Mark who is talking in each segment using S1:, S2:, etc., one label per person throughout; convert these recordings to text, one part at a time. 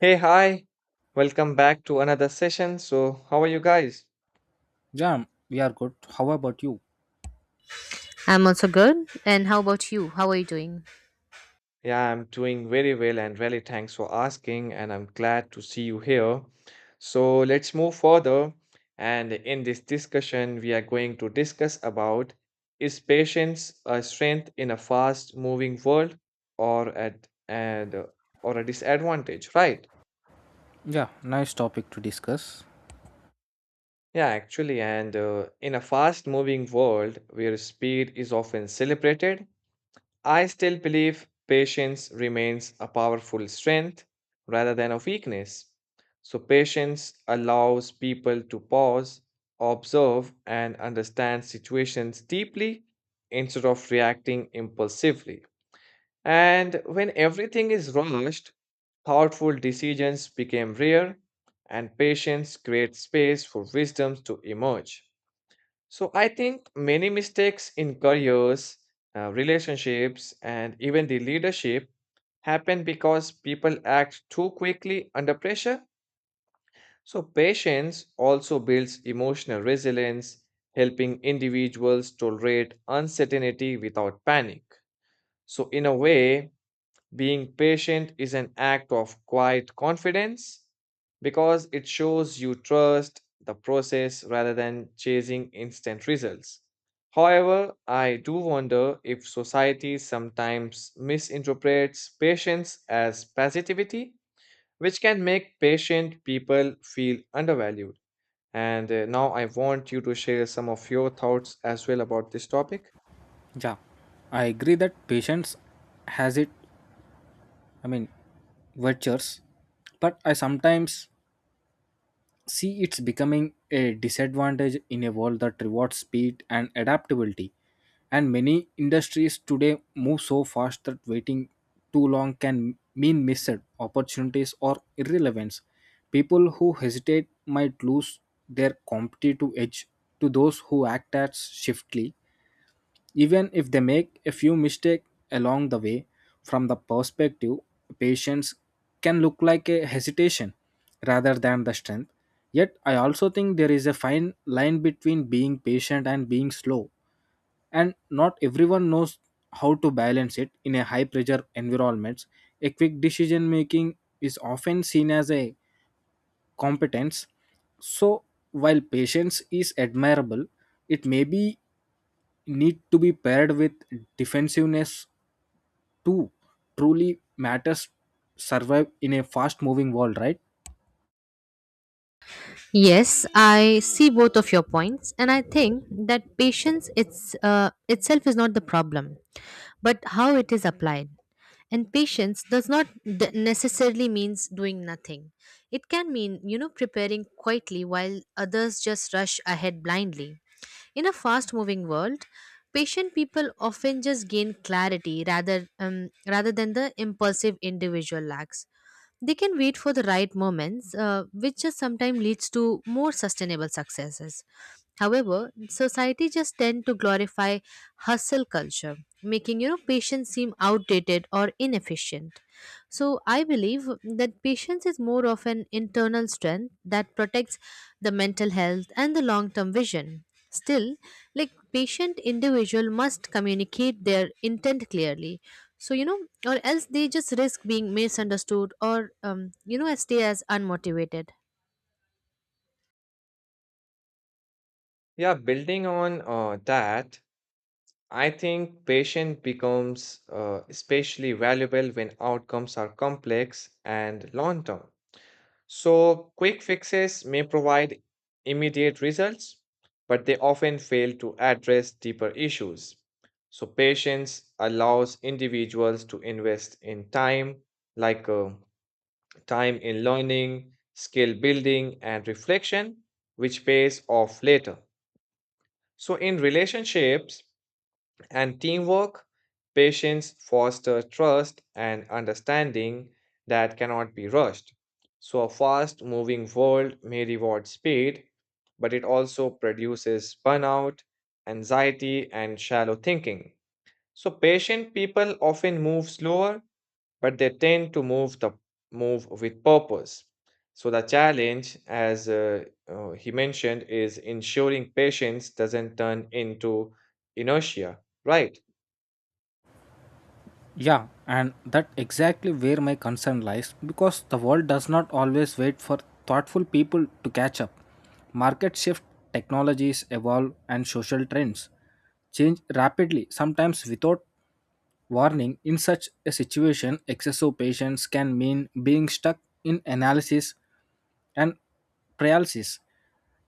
S1: Hey, hi. Welcome back to another session. So, how are you guys?
S2: Yeah, we are good. How about you?
S3: I'm also good. And how about you? How are you doing?
S1: Yeah, I'm doing very well and really thanks for asking and I'm glad to see you here. So, let's move further and in this discussion we are going to discuss about is patience a strength in a fast moving world or at and or a disadvantage, right?
S2: Yeah, nice topic to discuss.
S1: Yeah, actually and in a fast moving world where speed is often celebrated, I still believe patience remains a powerful strength rather than a weakness. So, patience allows people to pause, observe, and understand situations deeply instead of reacting impulsively. And when everything is rushed, thoughtful decisions become rare, and patience creates space for wisdom to emerge. So I think many mistakes in careers, relationships, and even the leadership happen because people act too quickly under pressure. So patience also builds emotional resilience, helping individuals tolerate uncertainty without panic. So in a way, being patient is an act of quiet confidence because it shows you trust the process rather than chasing instant results. However, I do wonder if society sometimes misinterprets patience as passivity, which can make patient people feel undervalued. And Now I want you to share some of your thoughts as well about this topic.
S2: Yeah, I agree that patience has it, I mean, virtues, but I sometimes see, it's becoming a disadvantage in a world that rewards speed and adaptability. And many industries today move so fast that waiting too long can mean missed opportunities or irrelevance. People who hesitate might lose their competitive edge to those who act as swiftly, even if they make a few mistakes along the way. From the perspective, patience can look like a hesitation rather than the strength. Yet I also think there is a fine line between being patient and being slow, and not everyone knows how to balance it. In a high pressure environments, a quick decision making is often seen as a competence. So while patience is admirable, it may be need to be paired with defensiveness to truly matters survive in a fast moving world, right?
S3: Yes, I see both of your points, and I think that patience itself is not the problem, but how it is applied. And patience does not necessarily means doing nothing. It can mean, you know, preparing quietly while others just rush ahead blindly. In a fast-moving world, patient people often just gain clarity rather than the impulsive individual lacks. They can wait for the right moments, which just sometimes leads to more sustainable successes. However, society just tend to glorify hustle culture, making you know patience seem outdated or inefficient. So I believe that patience is more of an internal strength that protects the mental health and the long-term vision. Still, like patient individual must communicate their intent clearly so you know or else they just risk being misunderstood or you know stay as unmotivated.
S1: Yeah, building on that, I think patience becomes especially valuable when outcomes are complex and long term. So, quick fixes may provide immediate results, but they often fail to address deeper issues. So, patience allows individuals to invest in time, like uh, time in learning, skill building, and reflection, which pays off later. So, in relationships, and teamwork, patience fosters trust and understanding that cannot be rushed. So, a fast moving world may reward speed, but it also produces burnout, anxiety, and shallow thinking. So, patient people often move slower, but they tend to move with purpose. So, the challenge, as he mentioned, is ensuring patience doesn't turn into inertia, right?
S2: Yeah, and that exactly where my concern lies, because the world does not always wait for thoughtful people to catch up. Market shift, technologies evolve, and social trends change rapidly, sometimes without warning. In such a situation, excessive patience can mean being stuck in analysis and paralysis.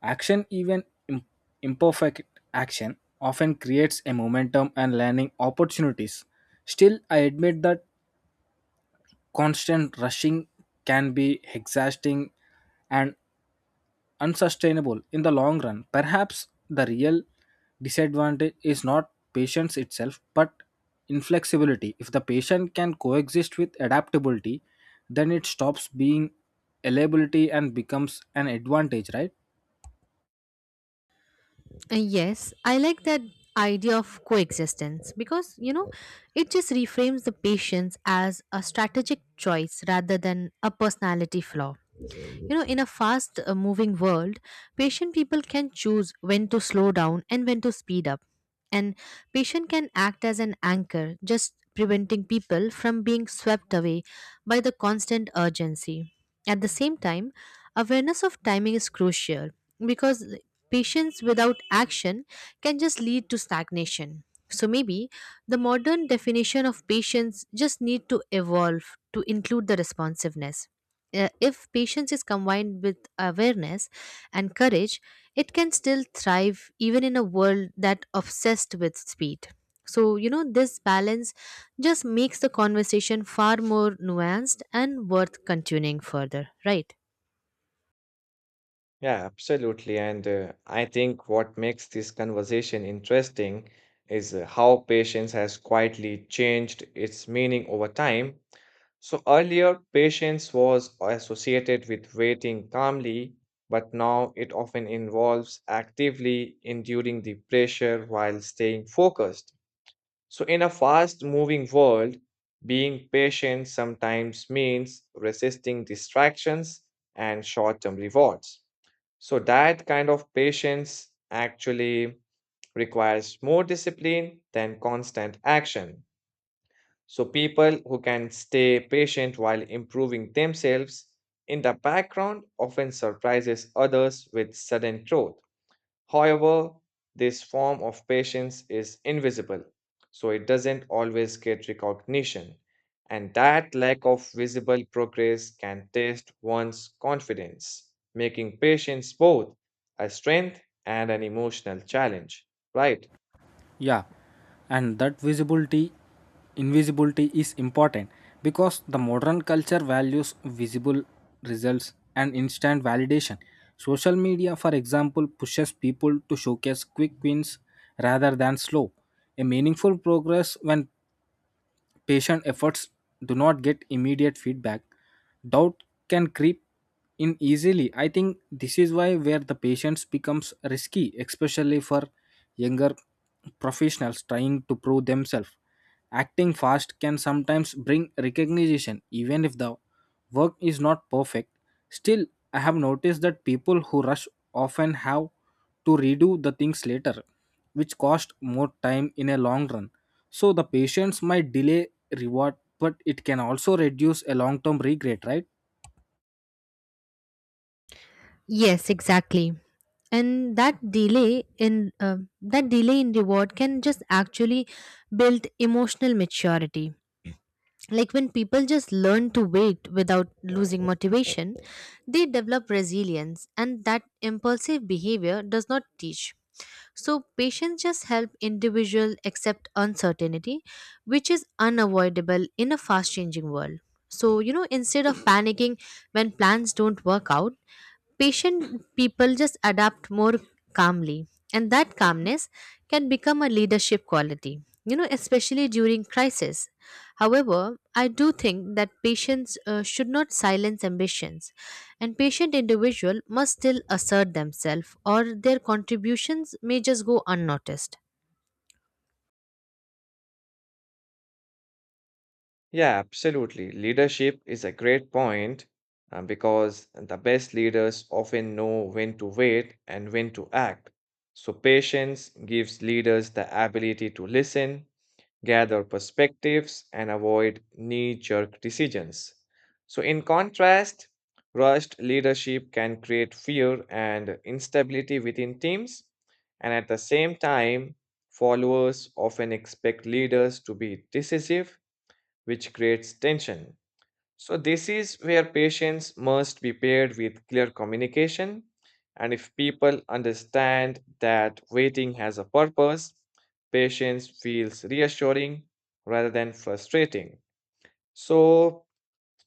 S2: Action, even imperfect action, often creates a momentum and learning opportunities. Still, I admit that constant rushing can be exhausting and unsustainable in the long run. Perhaps the real disadvantage is not patience itself, but inflexibility. If the patient can coexist with adaptability, then it stops being a liability and becomes an advantage, right?
S3: Yes, I like that idea of coexistence because, you know, it just reframes the patience as a strategic choice rather than a personality flaw. You know, in a fast moving world, patient people can choose when to slow down and when to speed up. And patient can act as an anchor, just preventing people from being swept away by the constant urgency. At the same time, awareness of timing is crucial because patience without action can just lead to stagnation. So maybe the modern definition of patience just need to evolve to include the responsiveness. If patience is combined with awareness and courage, it can still thrive even in a world that obsessed with speed. So, you know, this balance just makes the conversation far more nuanced and worth continuing further, right?
S1: Yeah, absolutely. And I think what makes this conversation interesting is how patience has quietly changed its meaning over time. So earlier, patience was associated with waiting calmly, but now it often involves actively enduring the pressure while staying focused. So, in a fast moving world, being patient sometimes means resisting distractions and short term rewards. So that kind of patience actually requires more discipline than constant action. So people who can stay patient while improving themselves in the background often surprises others with sudden growth. However, this form of patience is invisible, so it doesn't always get recognition, and that lack of visible progress can test one's confidence, making patience both a strength and an emotional challenge, right?
S2: Yeah, and that visibility, invisibility is important because the modern culture values visible results and instant validation. Social media, for example, pushes people to showcase quick wins rather than slow. A meaningful progress when patient efforts do not get immediate feedback, doubt can creep in easily. I think this is why where the patients becomes risky, especially for younger professionals trying to prove themselves. Acting fast can sometimes bring recognition even if the work is not perfect. Still, I have noticed that people who rush often have to redo the things later, which cost more time in a long run. So the patience might delay reward, but it can also reduce a long term regret, right?
S3: Yes, exactly. And that delay in reward can just actually build emotional maturity, like when people just learn to wait without losing motivation, they develop resilience, and that impulsive behavior does not teach. So patience just help individual accept uncertainty, which is unavoidable in a fast changing world. So, you know, instead of panicking when plans don't work out, patient people just adapt more calmly, and that calmness can become a leadership quality, you know, especially during crisis. However, I do think that patients should not silence ambitions, and patient individual must still assert themselves or their contributions may just go unnoticed.
S1: Yeah, absolutely. Leadership is a great point because the best leaders often know when to wait and when to act. So, patience gives leaders the ability to listen, gather perspectives, and avoid knee jerk decisions. So, in contrast, rushed leadership can create fear and instability within teams, and at the same time, followers often expect leaders to be decisive, which creates tension. So, this is where patience must be paired with clear communication. And if people understand that waiting has a purpose, patience feels reassuring rather than frustrating. So,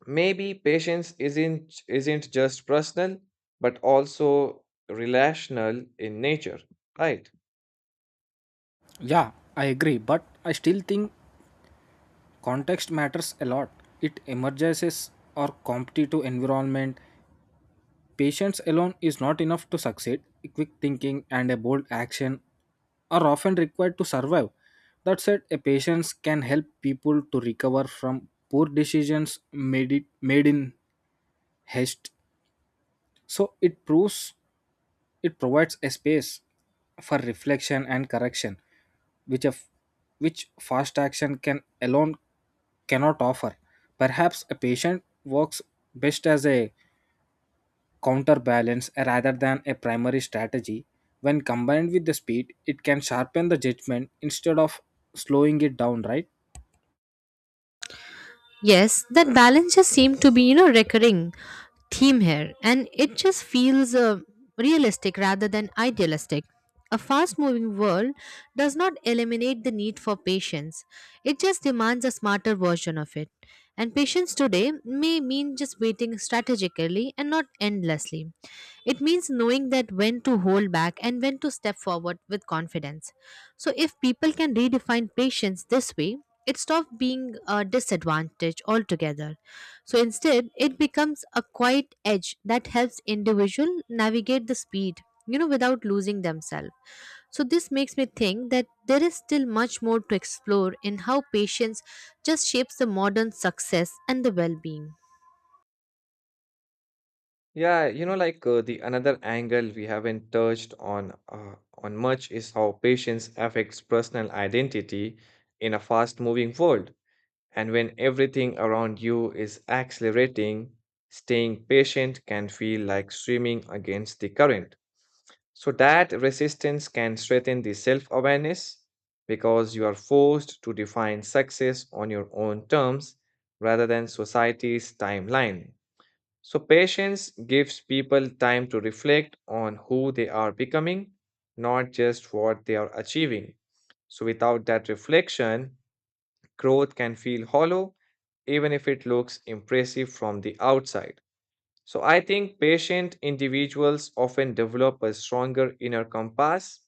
S1: maybe patience isn't just personal, but also relational in nature, right?
S2: Yeah, I agree, but I still think context matters a lot. It emerges or competitive environment. Patience alone is not enough to succeed. Quick thinking and a bold action are often required to survive. That said, a patience can help people to recover from poor decisions made, it, made in haste. So it proves it provides a space for reflection and correction, which a f- which fast action can alone cannot offer. Perhaps a patient works best as a counterbalance rather than a primary strategy. When combined with the speed, it can sharpen the judgment instead of slowing it down, right?
S3: Yes, that balance just seem to be, you know, recurring theme here, and it just feels realistic rather than idealistic. A fast moving world does not eliminate the need for patience, it just demands a smarter version of it. And patience today may mean just waiting strategically and not endlessly. It means knowing that when to hold back and when to step forward with confidence. So, if people can redefine patience this way, it stops being a disadvantage altogether. So instead, it becomes a quiet edge that helps individual navigate the speed, you know, without losing themselves. So this makes me think that there is still much more to explore in how patience just shapes the modern success and the well-being.
S1: Yeah, you know, the another angle we haven't touched on much is how patience affects personal identity in a fast-moving world. And when everything around you is accelerating, staying patient can feel like swimming against the current. So that resistance can strengthen the self-awareness because you are forced to define success on your own terms rather than society's timeline. So, patience gives people time to reflect on who they are becoming, not just what they are achieving. So, without that reflection, growth can feel hollow, even if it looks impressive from the outside. So I think patient individuals often develop a stronger inner compass,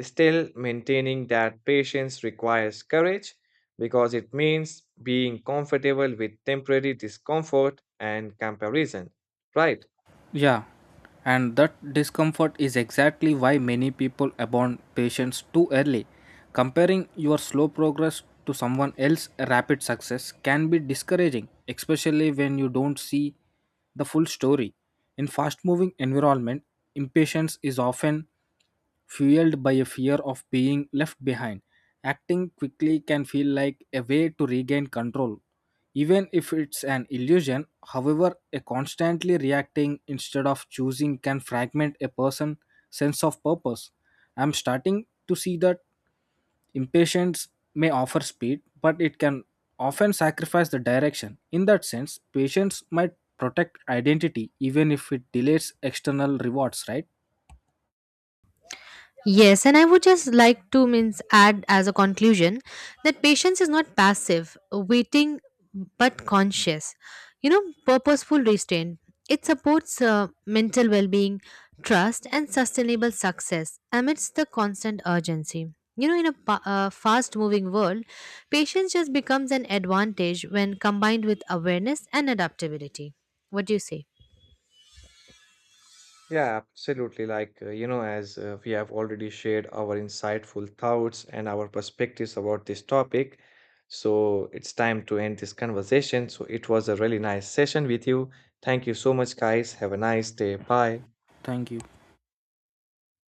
S1: still maintaining that patience requires courage because it means being comfortable with temporary discomfort and comparison, right?
S2: Yeah, and that discomfort is exactly why many people abandon patience too early. Comparing your slow progress to someone else's rapid success can be discouraging, especially when you don't see the full story. In fast moving environment, impatience is often fueled by a fear of being left behind. Acting quickly can feel like a way to regain control, even if it's an illusion. However, a constantly reacting instead of choosing can fragment a person's sense of purpose. I'm starting to see that impatience may offer speed, but it can often sacrifice the direction. In that sense, patience might protect identity even if it delays external rewards, right?
S3: Yes, and I would just like to means add as a conclusion that patience is not passive, waiting, but conscious. You know, purposeful restraint. It supports mental well-being, trust, and sustainable success amidst the constant urgency. You know, in a fast-moving world, patience just becomes an advantage when combined with awareness and adaptability. What do you say?
S1: Yeah, absolutely. Like, you know, as we have already shared our insightful thoughts and our perspectives about this topic, so it's time to end this conversation. So it was a really nice session with you. Thank you so much, guys. Have a nice day. Bye.
S2: Thank you.